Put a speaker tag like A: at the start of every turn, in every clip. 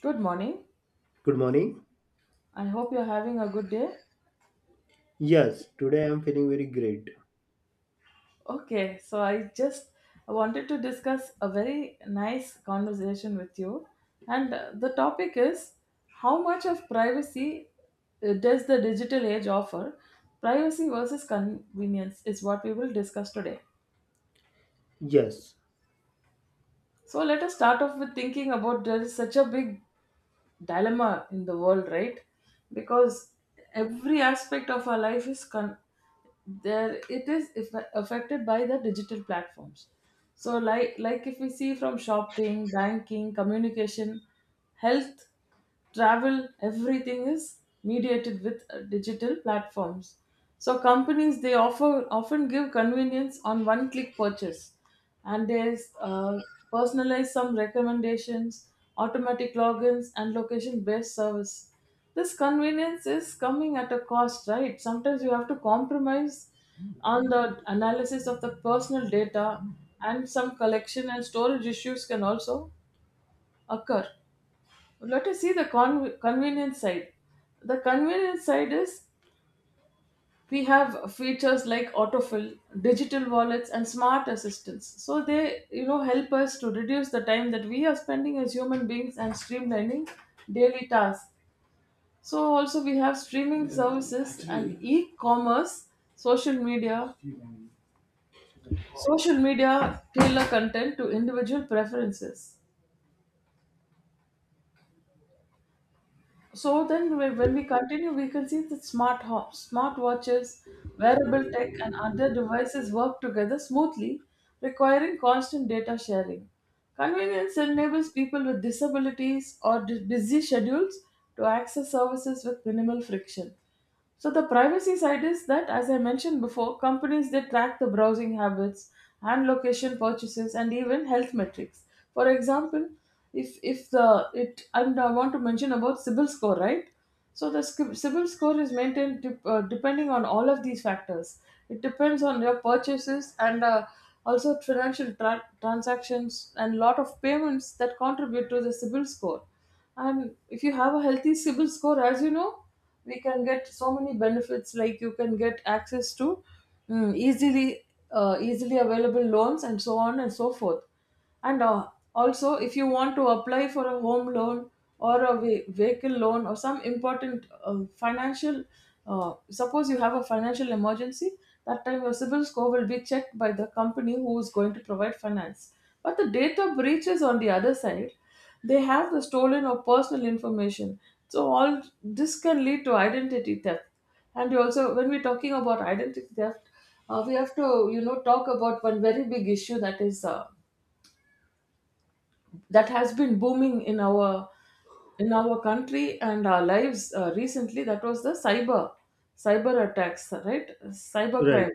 A: Good morning.
B: Good morning.
A: I hope you're having a good day.
B: Yes, today I am feeling very great.
A: Okay, so I just wanted to discuss a very nice conversation with you. And the topic is how much of privacy does the digital age offer? Privacy versus convenience is what we will discuss today.
B: Yes,
A: So let us start off with thinking about there is such a big dilemma in the world, right? Because every aspect of our life is there it is eff- affected by the digital platforms, so like if we see from shopping, banking, communication, health, travel, everything is mediated with digital platforms. So companies, they offer often give convenience on one click purchase, and there's personalized some recommendations, automatic logins, and location-based service. This convenience is coming at a cost, right? Sometimes you have to compromise on the analysis of the personal data, and some collection and storage issues can also occur. Let us see the convenience side. The convenience side is we have features like autofill, digital wallets, and smart assistants. So they, you know, help us to reduce the time that we are spending as human beings and streamlining daily tasks. So also we have streaming services and e-commerce, social media, social media tailor content to individual preferences. So then, when we continue, we can see that smart homes, smart watches, wearable tech, and other devices work together smoothly, requiring constant data sharing. Convenience enables people with disabilities or busy schedules to access services with minimal friction. So the privacy side is that, as I mentioned before, companies they track the browsing habits and location purchases and even health metrics. For example, if the it and I want to mention about CIBIL score, right? So the CIBIL score is maintained depending on all of these factors. It depends on your purchases and, also financial transactions and lot of payments that contribute to the CIBIL score. And if you have a healthy CIBIL score, as you know, we can get so many benefits, like you can get access to mm, easily easily available loans and so on and so forth. And also if you want to apply for a home loan or a vehicle loan or some important financial, suppose you have a financial emergency, that time your civil score will be checked by the company who is going to provide finance. But the data breach is on the other side, they have the stolen or personal information. So all this can lead to identity theft. And you also, when we're talking about identity theft, we have to, you know, talk about one very big issue that is that has been booming in our country and our lives recently. That was the cyber attacks, right? Cyber
B: right.
A: crime.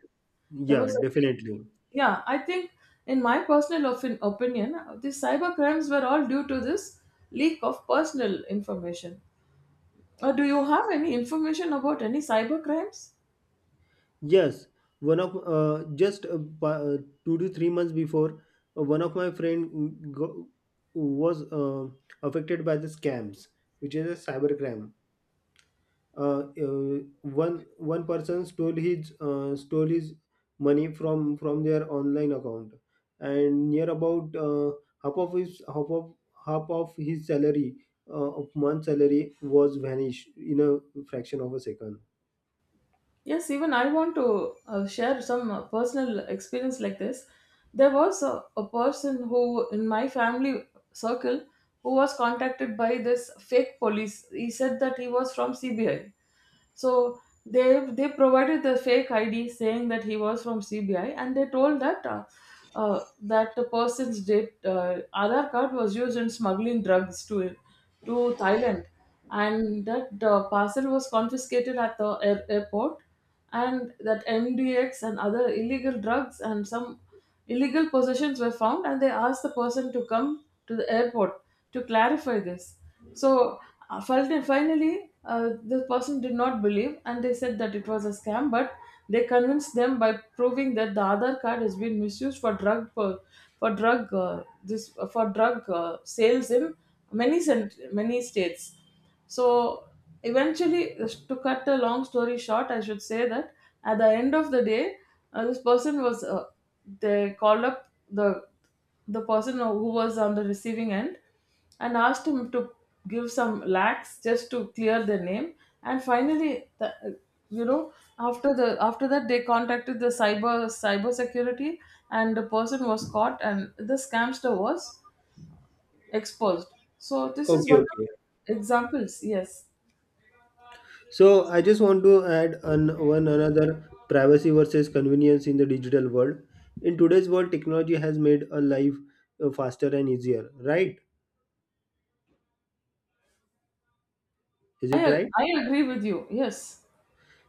A: There
B: Yeah,
A: was a big,
B: definitely.
A: yeah, I think in my personal opinion, the cyber crimes were all due to this leak of personal information. Do you have any information about any cyber crimes?
B: Yes, one of 2 to 3 months before, one of my friend mm, go- was affected by the scams, which is a cybercrime. uh, uh, one person stole his money from their online account, and near about half of his half of half of his salary of month salary was vanished in a fraction of a second.
A: Yes, even I want to share some personal experience like this. There was a person who, in my family circle, who was contacted by this fake police. He said that he was from CBI. So they they provided the fake ID saying that he was from CBI, and they told that uh, that the person's date Aadhaar card was used in smuggling drugs to Thailand, and that parcel was confiscated at the airport, and that MDX and other illegal drugs and some illegal possessions were found, and they asked the person to come to the airport to clarify this. So finally, the person did not believe and they said that it was a scam, but they convinced them by proving that the Aadhaar card has been misused for drug this for drug sales in many states. So eventually, to cut a long story short, I should say that at the end of the day, this person was, they called up the person who was on the receiving end and asked him to give some lakhs just to clear the name. And finally, the, you know, after that, they contacted the cyber security and the person was caught and the scamster was exposed. So this is
B: Okay,
A: one of
B: okay.
A: the examples. Yes,
B: So I just want to add one another privacy versus convenience in the digital world. In today's world, technology has made a life faster and easier, right? Is
A: i
B: it right?
A: I agree with you. Yes,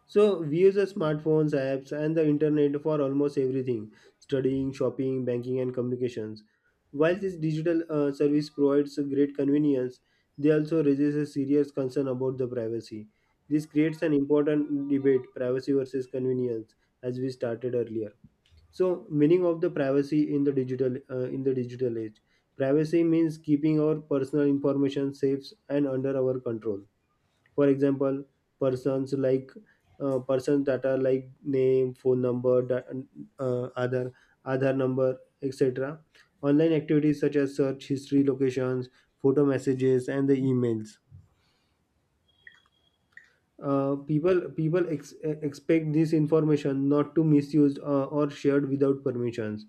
B: So we use the smartphones, apps, and the internet for almost everything: studying, shopping, banking, and communications. While this digital service provides a great convenience, they also raises a serious concern about the privacy. This creates an important debate: privacy versus convenience, as we started earlier. So, meaning of the privacy in the digital age. Privacy means keeping our personal information safe and under our control. For example, persons like persons data like name, phone number, other Aadhaar number, etc. Online activities such as search history, locations, photo, messages, and the emails. People expect this information not to misused or shared without permissions.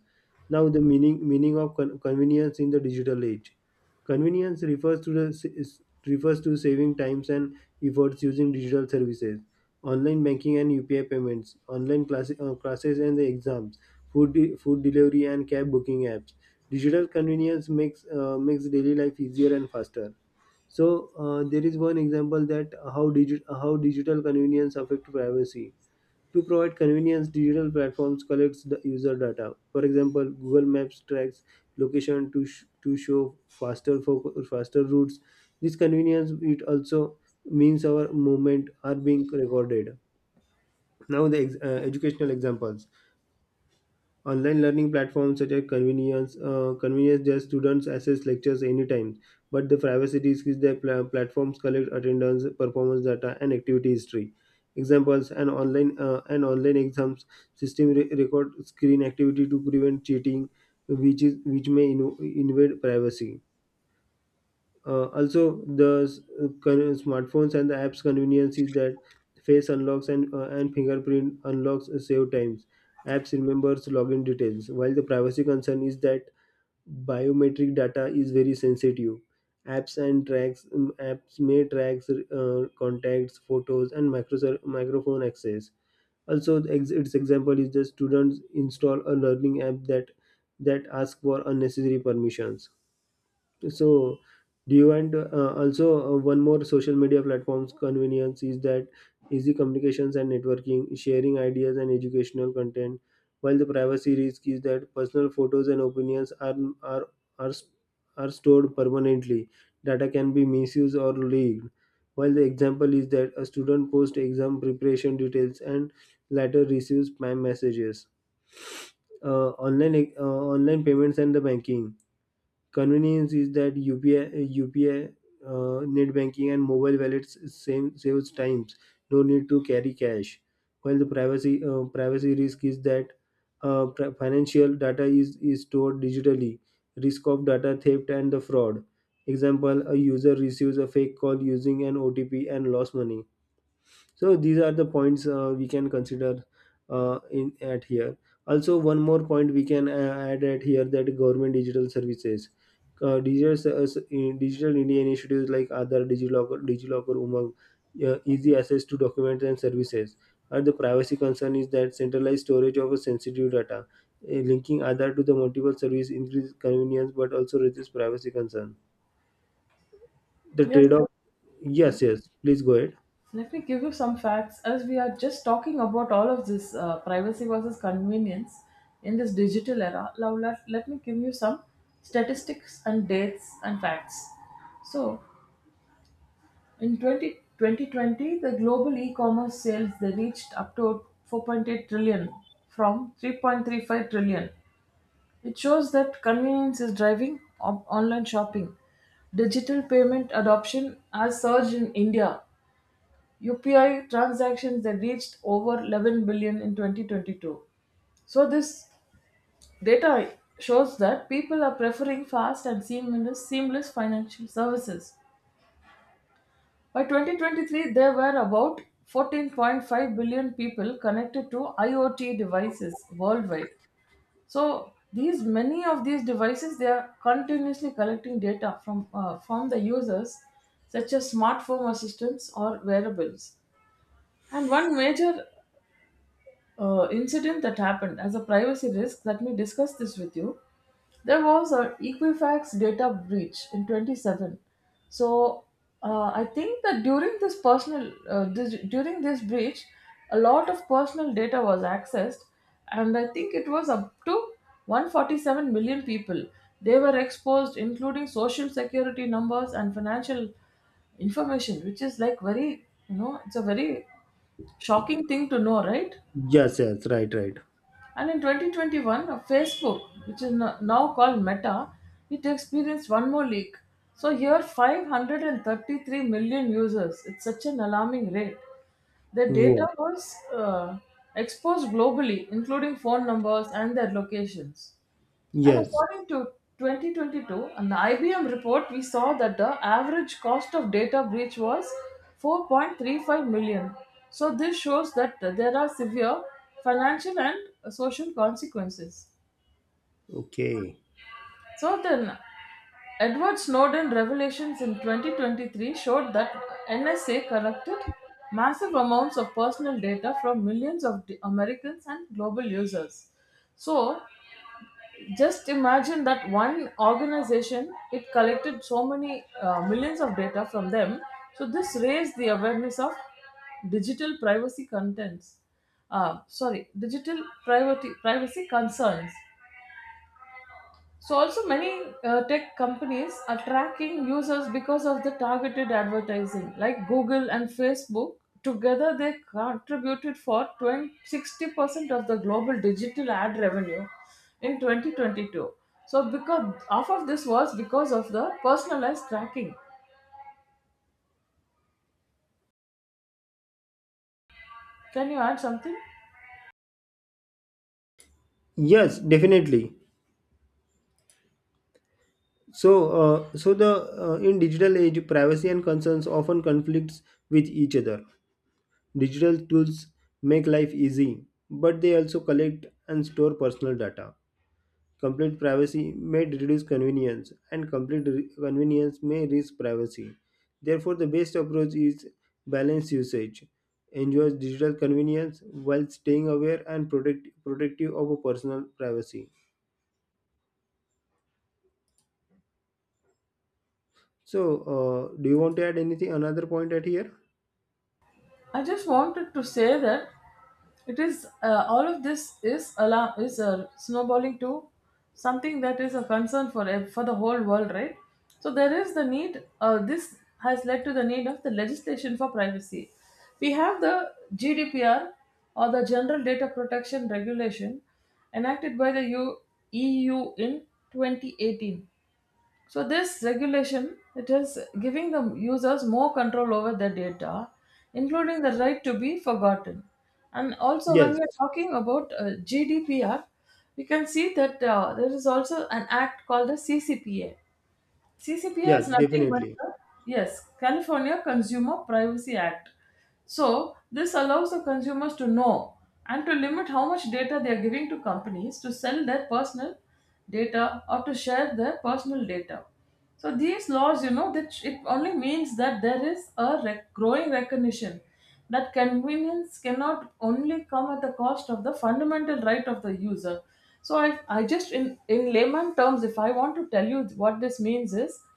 B: Now, the meaning of convenience in the digital age. Convenience refers to saving times and efforts using digital services, online banking and UPI payments, online classes and the exams, food delivery and cab booking apps. Digital convenience makes daily life easier and faster. So there is one example that how digital convenience affect privacy. To provide convenience, digital platforms collects the user data. For example, Google Maps tracks location to show faster routes. This convenience it also means our movement are being recorded. Now the educational examples. Online learning platforms such as convenience their students access lectures anytime, but the privacy risk is their platforms collect attendance, performance data, and activity history. Examples: an online exams system record screen activity to prevent cheating, which is which may invade privacy. Also, the smartphones and the apps convenience is that face unlocks and fingerprint unlocks save times. Apps remembers login details, while the privacy concern is that biometric data is very sensitive. Apps may track contacts, photos, and microphone access. Also, the its example is the students install a learning app that ask for unnecessary permissions. So do you want also one more? Social media platforms convenience is that easy communications and networking, sharing ideas and educational content, while the privacy risk is that personal photos and opinions are are, are stored permanently. Data can be misused or leaked, while the example is that a student posts exam preparation details and later receives spam messages. uh, online uh, Online payments and the banking. Convenience is that UPI, net banking, and mobile wallets saves times. No need to carry cash. While the privacy risk is that financial data is stored digitally. Risk of data theft and the fraud. Example: a user receives a fake call using an OTP and lost money. So these are the points we can consider in at here. Also, one more point we can add at here that government digital services, digital, s- s- in- digital india initiatives like other digilocker, umang, easy access to documents and services. And the privacy concern is that centralized storage of sensitive data, linking Aadhaar to the multiple service increase convenience but also raises privacy concern, the
A: yes.
B: trade-off. Yes, yes, please go ahead.
A: Let me give you some facts as we are just talking about all of this, privacy versus convenience in this digital era. Now, let me give you some statistics and dates and facts. So, in 2020, the global e commerce sales they reached up to 4.8 trillion from 3.35 trillion. It shows that convenience is driving online shopping. Digital payment adoption has surged in India. UPI transactions that reached over 11 billion in 2022. So this data shows that people are preferring fast and seamless financial services. By 2023, there were about 14.5 billion people connected to IoT devices worldwide. So these many of these devices they are continuously collecting data from, from the users, such as smartphone assistants or wearables. And one major incident that happened as a privacy risk. Let me discuss this with you. There was a Equifax data breach in 27. So I think that during this breach, a lot of personal data was accessed, and I think it was up to 147 million people. They were exposed, including social security numbers and financial information, which is like very, you know, it's a very shocking thing to know, right?
B: Yes, yes, right, right.
A: And in 2021, Facebook, which is now called Meta, it experienced one more leak. So here, 533 million users. It's such an alarming rate. Their data
B: Wow.
A: was exposed globally, including phone numbers and their locations. And
B: Yes.
A: according to 2022, an IBM report, we saw that the average cost of data breach was 4.35 million. So this shows that there are severe financial and social consequences.
B: Okay.
A: So then, Edward Snowden revelations in 2023 showed that NSA collected massive amounts of personal data from millions of Americans and global users. So, just imagine that one organization it collected so many, millions of data from them. So this raised the awareness of digital privacy contents sorry digital privacy concerns. So also many tech companies are tracking users because of the targeted advertising. Like Google and Facebook together they contributed for 20 60% of the global digital ad revenue in 2022. So because half of this was because of the personalized tracking. Can you add something?
B: Yes, definitely. So, so the in digital age, privacy and concerns often conflicts with each other. Digital tools make life easy, but they also collect and store personal data. Complete privacy may reduce convenience, and convenience may risk privacy. Therefore, the best approach is balanced usage. Enjoy digital convenience while staying aware and protective of a personal privacy. So, do you want to add anything, another point at here?
A: I just wanted to say that it is, all of this is alarm is snowballing to something that is a concern for for the whole world, right? So there is the need. This has led to the need of the legislation for privacy. We have the GDPR or the General Data Protection Regulation enacted by the EU in 2018. So this regulation, it is giving the users more control over their data, including the right to be forgotten. And also, when
B: Yes,
A: we are talking about GDPR, we can see that there is also an act called the CCPA. CCPA is
B: yes,
A: nothing but
B: definitely.
A: the, yes, California Consumer Privacy Act. So this allows the consumers to know and to limit how much data they are giving to companies to sell their personal data or to share their personal data. So these laws, you know, that it only means that there is a growing recognition that convenience cannot only come at the cost of the fundamental right of the user. So I just in layman terms, if I want to tell you what this means is,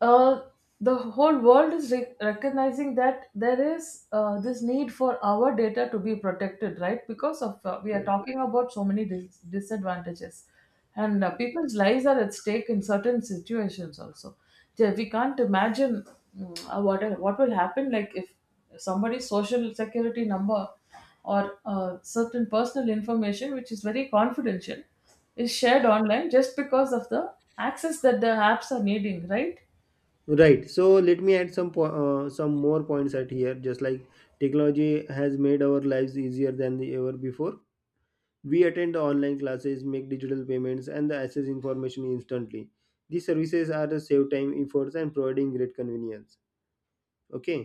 A: uh, the whole world is recognizing that there is, this need for our data to be protected, right? Because of, we are
B: Right.
A: talking about so many disadvantages, and people's lives are at stake in certain situations also. Yeah, we can't imagine what will happen, like if somebody's social security number or certain personal information, which is very confidential, is shared online just because of the access that the apps are needing, right?
B: Right. So let me add some more points at here. Just like technology has made our lives easier than ever before. We attend online classes, make digital payments, and access information instantly. These services are to save time, efforts, and providing great convenience. Okay.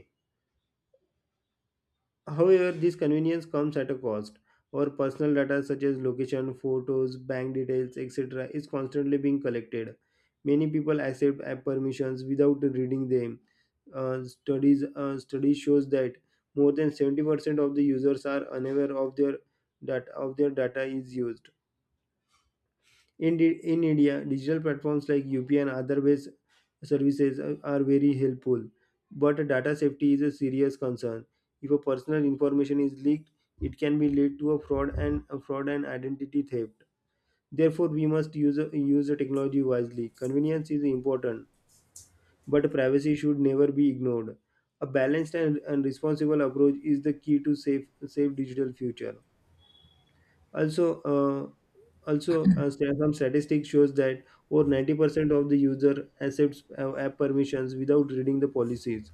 B: However, this convenience comes at a cost. Our personal data such as location, photos, bank details, etc. is constantly being collected. Many people accept app permissions without reading them. Studies shows that more than 70% of the users are unaware of their that of their data is used. In India, digital platforms like UPI and other ways services are very helpful, but data safety is a serious concern. If a personal information is leaked, it can be lead to a fraud and identity theft. Therefore, we must use the technology wisely. Convenience is important, but privacy should never be ignored. A balanced and responsible approach is the key to safe digital future. Also, uh, some statistics shows that over 90% of the user accepts app permissions without reading the policies,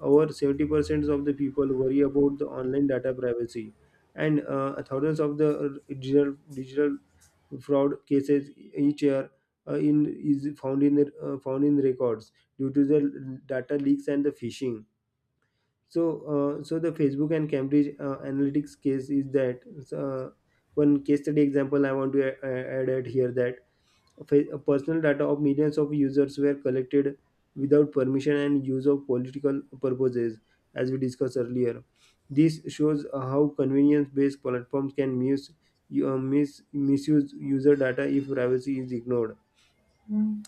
B: over 70% of the people worry about the online data privacy, and thousands of the digital fraud cases each year in is found in the- found in records due to the data leaks and the phishing. So so the facebook and cambridge analytics case is that uh, one case study example I want to add at here that personal data of millions of users were collected without permission and used of political purposes, as we discussed earlier. This shows how convenience-based platforms can misuse user data if privacy is ignored.
A: Mm,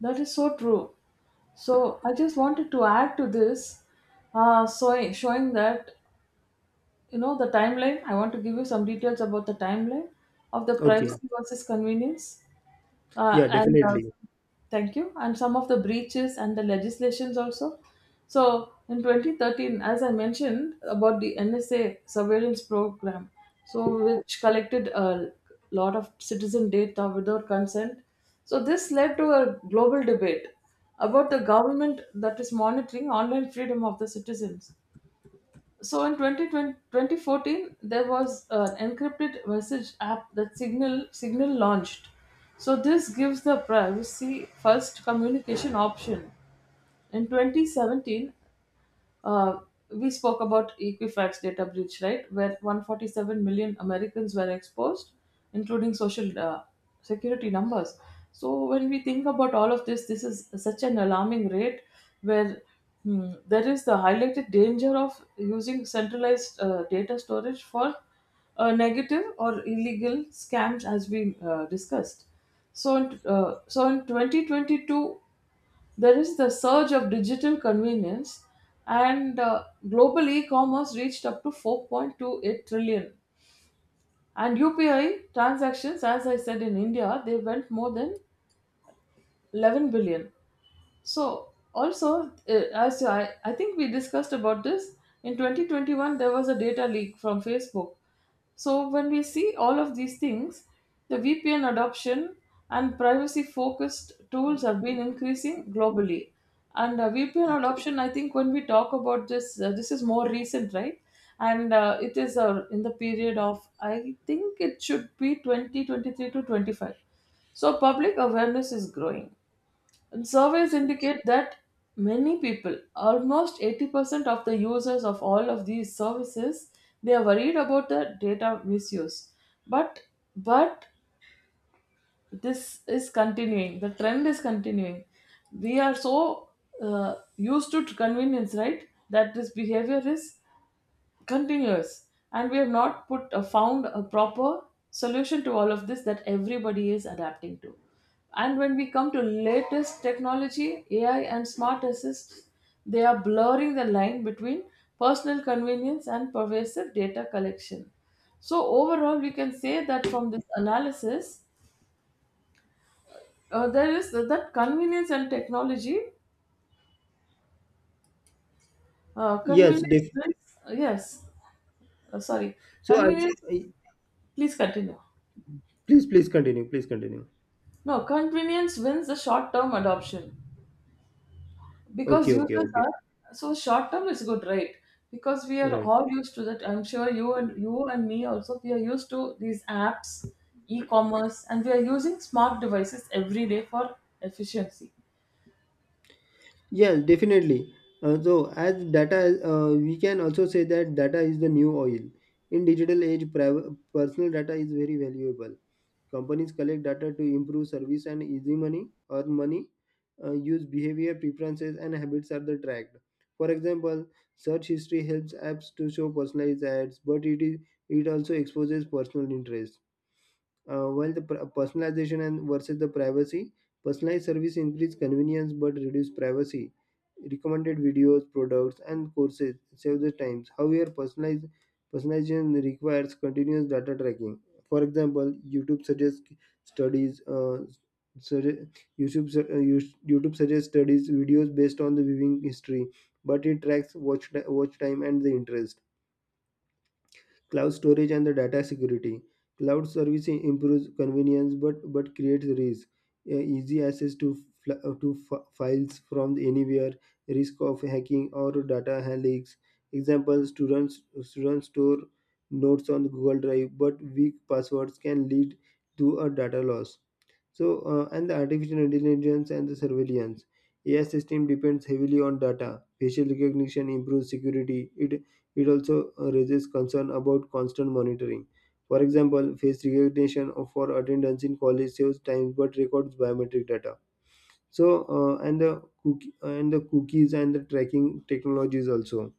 A: that is so true. So I just wanted to add to this, so showing that, you know, the timeline. I want to give you some details about the timeline of the
B: Okay,
A: privacy versus convenience.
B: yeah,
A: And
B: definitely.
A: Thank you, and some of the breaches and the legislations also. So in 2013, as I mentioned, about the nsa surveillance program, so which collected a lot of citizen data without consent, so this led to a global debate about the government that is monitoring online freedom of the citizens. So in twenty twenty fourteen, there was an encrypted message app that Signal launched. So this gives the privacy first communication option. In 2017, uh, we spoke about Equifax data breach, right? Where 147 million Americans were exposed, including social security numbers. So when we think about all of this, this is such an alarming rate where there is the highlighted danger of using centralized data storage for negative or illegal scams, as we discussed. So in 2022, there is the surge of digital convenience, and global e commerce reached up to 4.28 trillion. And UPI transactions, as I said in India, they went more than 11 billion. So, also, as I think we discussed about this, in 2021, there was a data leak from Facebook. So when we see all of these things, the VPN adoption and privacy focused tools have been increasing globally. And VPN adoption, I think, when we talk about this, this is more recent, right? And it is in the period of, I think it should be 2023 to 25. So public awareness is growing. And surveys indicate that many people, almost 80% of the users of all of these services, they are worried about the data misuse. But but this is continuing. The trend is continuing. We are so used to convenience, right? That this behavior is continuous, and we have not put found a proper solution to all of this that everybody is adapting to. And when we come to latest technology, AI and smart assists, they are blurring the line between personal convenience and pervasive data collection. So overall we can say that from this analysis, there is that convenience and technology,
B: Yes, def-
A: yes. Sorry,
B: so
A: convenience,
B: I
A: please continue.
B: please, please continue. Please continue.
A: No, convenience wins the short term adoption,
B: Okay,
A: because
B: okay,
A: users
B: okay.
A: are so, short term is good, right? Because we are
B: Right.
A: all used to that. I'm sure you and me also, we are used to these apps, e-commerce, and we are using smart devices every day for efficiency.
B: Yeah, definitely. We can also say that data is the new oil. In digital age, personal data is very valuable. Companies collect data to improve service and earn money, use behavior, preferences, and habits are the tracked. For example, search history helps apps to show personalized ads, but it also exposes personal interests. Personalization and versus the privacy, personalized service increase convenience but reduce privacy. Recommended videos, products, and courses save the times. However, personalized personalization requires continuous data tracking. For example, YouTube suggests studies. Sugge- YouTube su- Yous- YouTube suggests studies videos based on the viewing history, but it tracks watch time and the interest. Cloud storage and the data security. Cloud service improves convenience but creates risk. Easy access to, fl- to f- files from anywhere, risk of hacking or data leaks. Example, students store notes on Google Drive, but weak passwords can lead to a data loss. So, and the artificial intelligence and the surveillance. AI system depends heavily on data. Facial recognition improves security. It also raises concern about constant monitoring. For example, face recognition for attendance in college saves time but records biometric data. So, and the cookie, and the cookies and the tracking technologies also.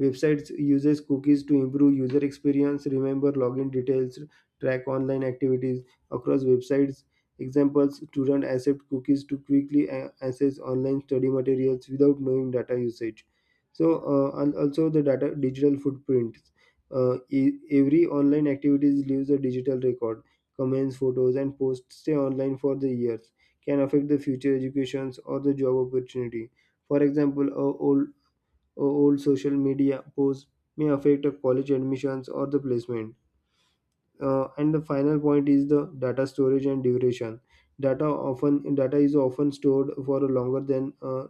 B: Websites uses cookies to improve user experience, remember login details, track online activities across websites. Examples: students accept cookies to quickly access online study materials without knowing data usage. So, and also the data digital footprint. Every online activities leaves a digital record. Comments, photos, and posts stay online for the years. Can affect the future educations or the job opportunity. For example, old social media posts may affect a college admissions or the placement. And the final point is the data storage and duration. Data often data is often stored for a longer than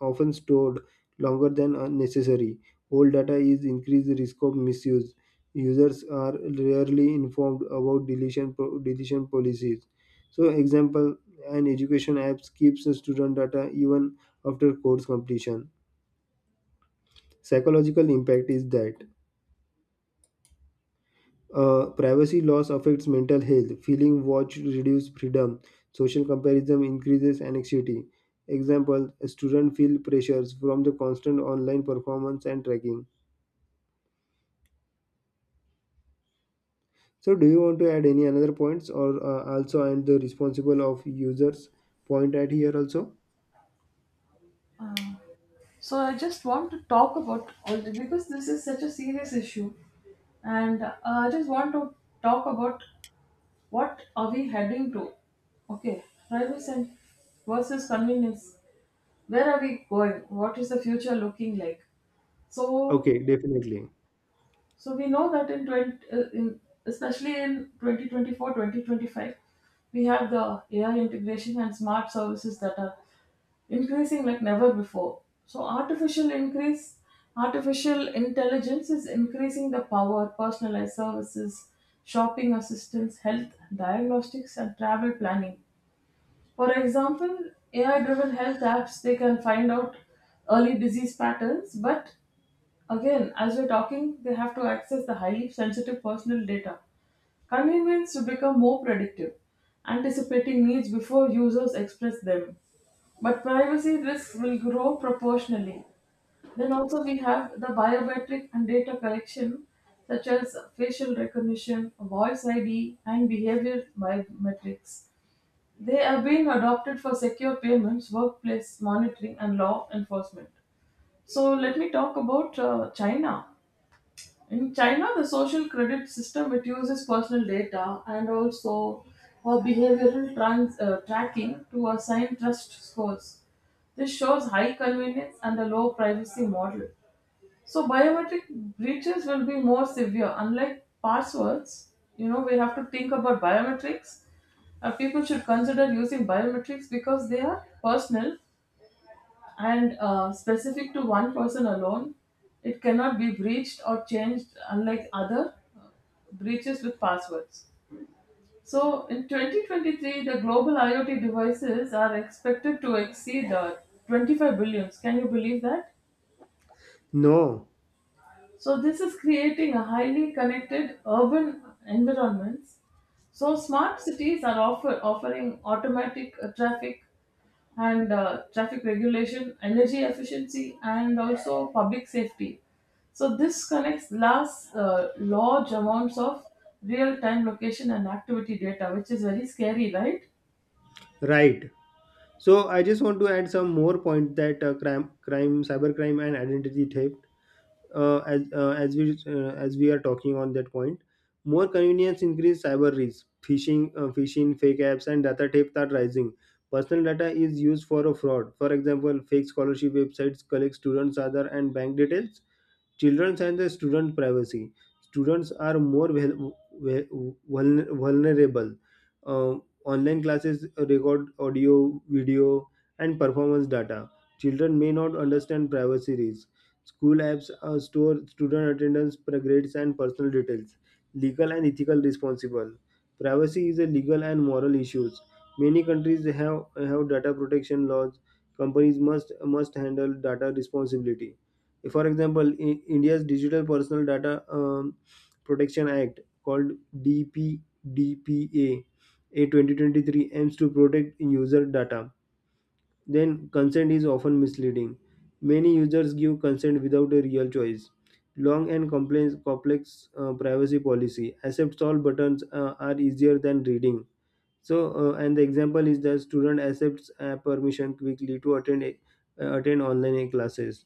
B: often stored longer than necessary. Old data is increased risk of misuse. Users are rarely informed about deletion policies. So, example, an education app keeps the student data even after course completion. Psychological impact is that privacy loss affects mental health, feeling watched reduces freedom, social comparison increases anxiety. Example, a student feel pressures from the constant online performance and tracking. So do you want to add any another points or also I am the responsible of users point at here also?
A: So I just want to talk about all the, because this is such a serious issue, and I just want to talk about, what are we heading to? Okay, privacy and versus convenience. Where are we going? What is the future looking like? so
B: Okay, definitely.
A: so we know that in 20 uh, in especially in 2024, 2025, we have the AI integration and smart services that are increasing like never before. so artificial increase Artificial intelligence is increasing the power personalized services, shopping assistance, health diagnostics, and travel planning. For example, AI driven health apps, they can find out early disease patterns, but again, as we're talking, they have to access the highly sensitive personal data. Convenience to become more predictive, anticipating needs before users express them. But privacy risks will grow proportionally. Then also we have the biometric and data collection, such as facial recognition, voice ID, and behavioral biometrics. They are being adopted for secure payments, workplace monitoring, and law enforcement. So let me talk about China. In China, the social credit system, it uses personal data and also behavioral tracking to assign trust scores. This shows high convenience and a low privacy model. So biometric breaches will be more severe. Unlike passwords, you know, we have to think about biometrics. People should consider using biometrics because they are personal and specific to one person alone. It cannot be breached or changed unlike other uh, breaches with passwords. So in 2023, the global IoT devices are expected to exceed 25 billions. Can you believe that?
B: No,
A: So this is creating a highly connected urban environments. So smart cities are offering automatic traffic regulation, energy efficiency, and also public safety. So this connects large amounts of real-time location and activity data, which is very scary, right?
B: right. So I just want to add some more point that crime, cybercrime and identity theft, as we are talking on that point, more convenience increase cyber risk, phishing, phishing, fake apps, and data theft are rising. Personal data is used for a fraud. For example, fake scholarship websites collect students' other and bank details. Children and the student privacy, students are more ve- vulnerable. Uh, Online classes record audio, video, and performance data. Children may not understand privacy risks. School apps store student attendance, grades and personal details. Legal and ethical responsible, privacy is a legal and moral issues. Many countries have data protection laws. Companies must handle data responsibility. For example, in india's digital personal data protection act called dpdpa a 2023 aims to protect user data. Then consent is often misleading. Many users give consent without a real choice. Long and complex privacy policy. Accept all buttons are easier than reading. So and the example is that student accepts permission quickly to attend attend online classes.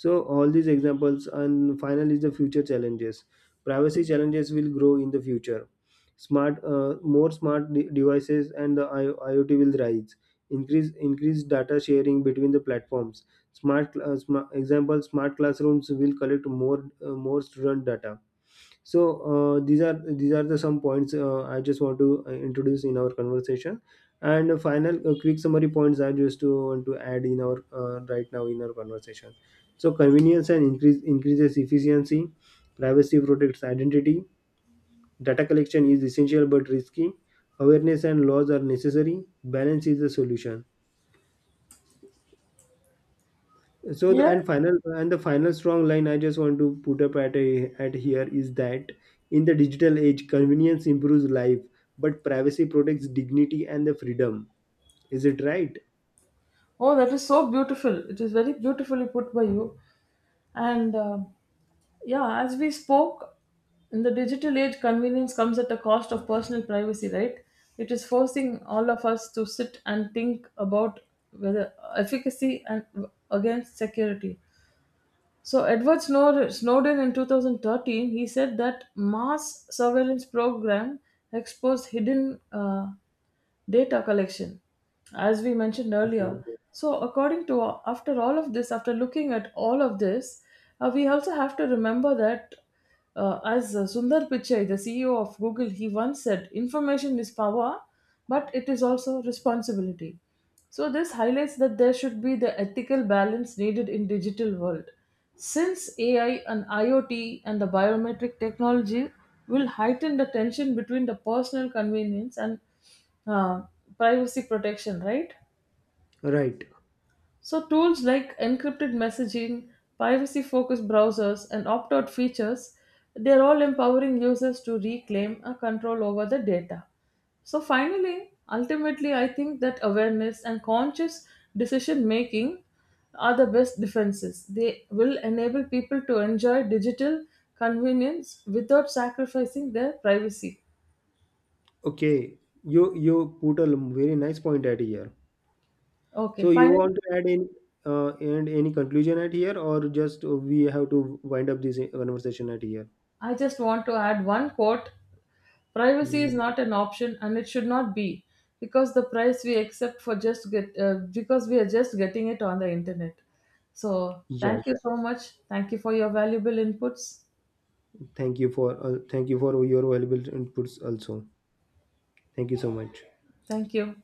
B: So all these examples, and final is the future challenges. Privacy challenges will grow in the future. More smart devices and the IoT will rise. Increase data sharing between the platforms. Example smart classrooms will collect more student data. So these are the some points I just want to introduce in our conversation. And a final quick summary points I just to want to add in our right now in our conversation. So convenience and increase increases efficiency, privacy protects identity, data collection is essential but risky, awareness and laws are necessary, balance is the solution. So
A: Yes.
B: the final strong line I just want to put up at at here is that in the digital age, convenience improves life, but privacy protects dignity and the freedom. Is it right?
A: Oh, that is so beautiful. It is very beautifully put by you. And yeah, as we spoke, in the digital age, convenience comes at the cost of personal privacy, right? It is forcing all of us to sit and think about whether efficacy and against security. So Edward Snowden in 2013, he said that mass surveillance program exposed hidden data collection, as we mentioned
B: Okay.
A: earlier. So according to, after all of this, after looking at all of this, we also have to remember that as Sundar Pichai, the CEO of Google, he once said, information is power, but it is also responsibility. So this highlights that there should be the ethical balance needed in digital world. Since AI and IoT and the biometric technology will heighten the tension between the personal convenience and uh, privacy protection, right?
B: Right.
A: So, tools like encrypted messaging, privacy focused browsers, and opt out features, they're all empowering users to reclaim a control over the data. So, finally, ultimately, I think that awareness and conscious decision making are the best defenses. They will enable people to enjoy digital convenience without sacrificing their privacy.
B: Okay. You put very nice point at here.
A: Okay,
B: So you
A: finally,
B: want to add any and any conclusion at here, or just we have to wind up this conversation at here.
A: I just want to add one quote. Privacy is
B: Hmm.
A: not an option, and it should not be, because the price we accept for just get because we are just getting it on the internet. So thank you
B: Yes.
A: so much. Thank you for your valuable inputs.
B: Thank you for your valuable inputs also. Thank you so much.
A: Thank you.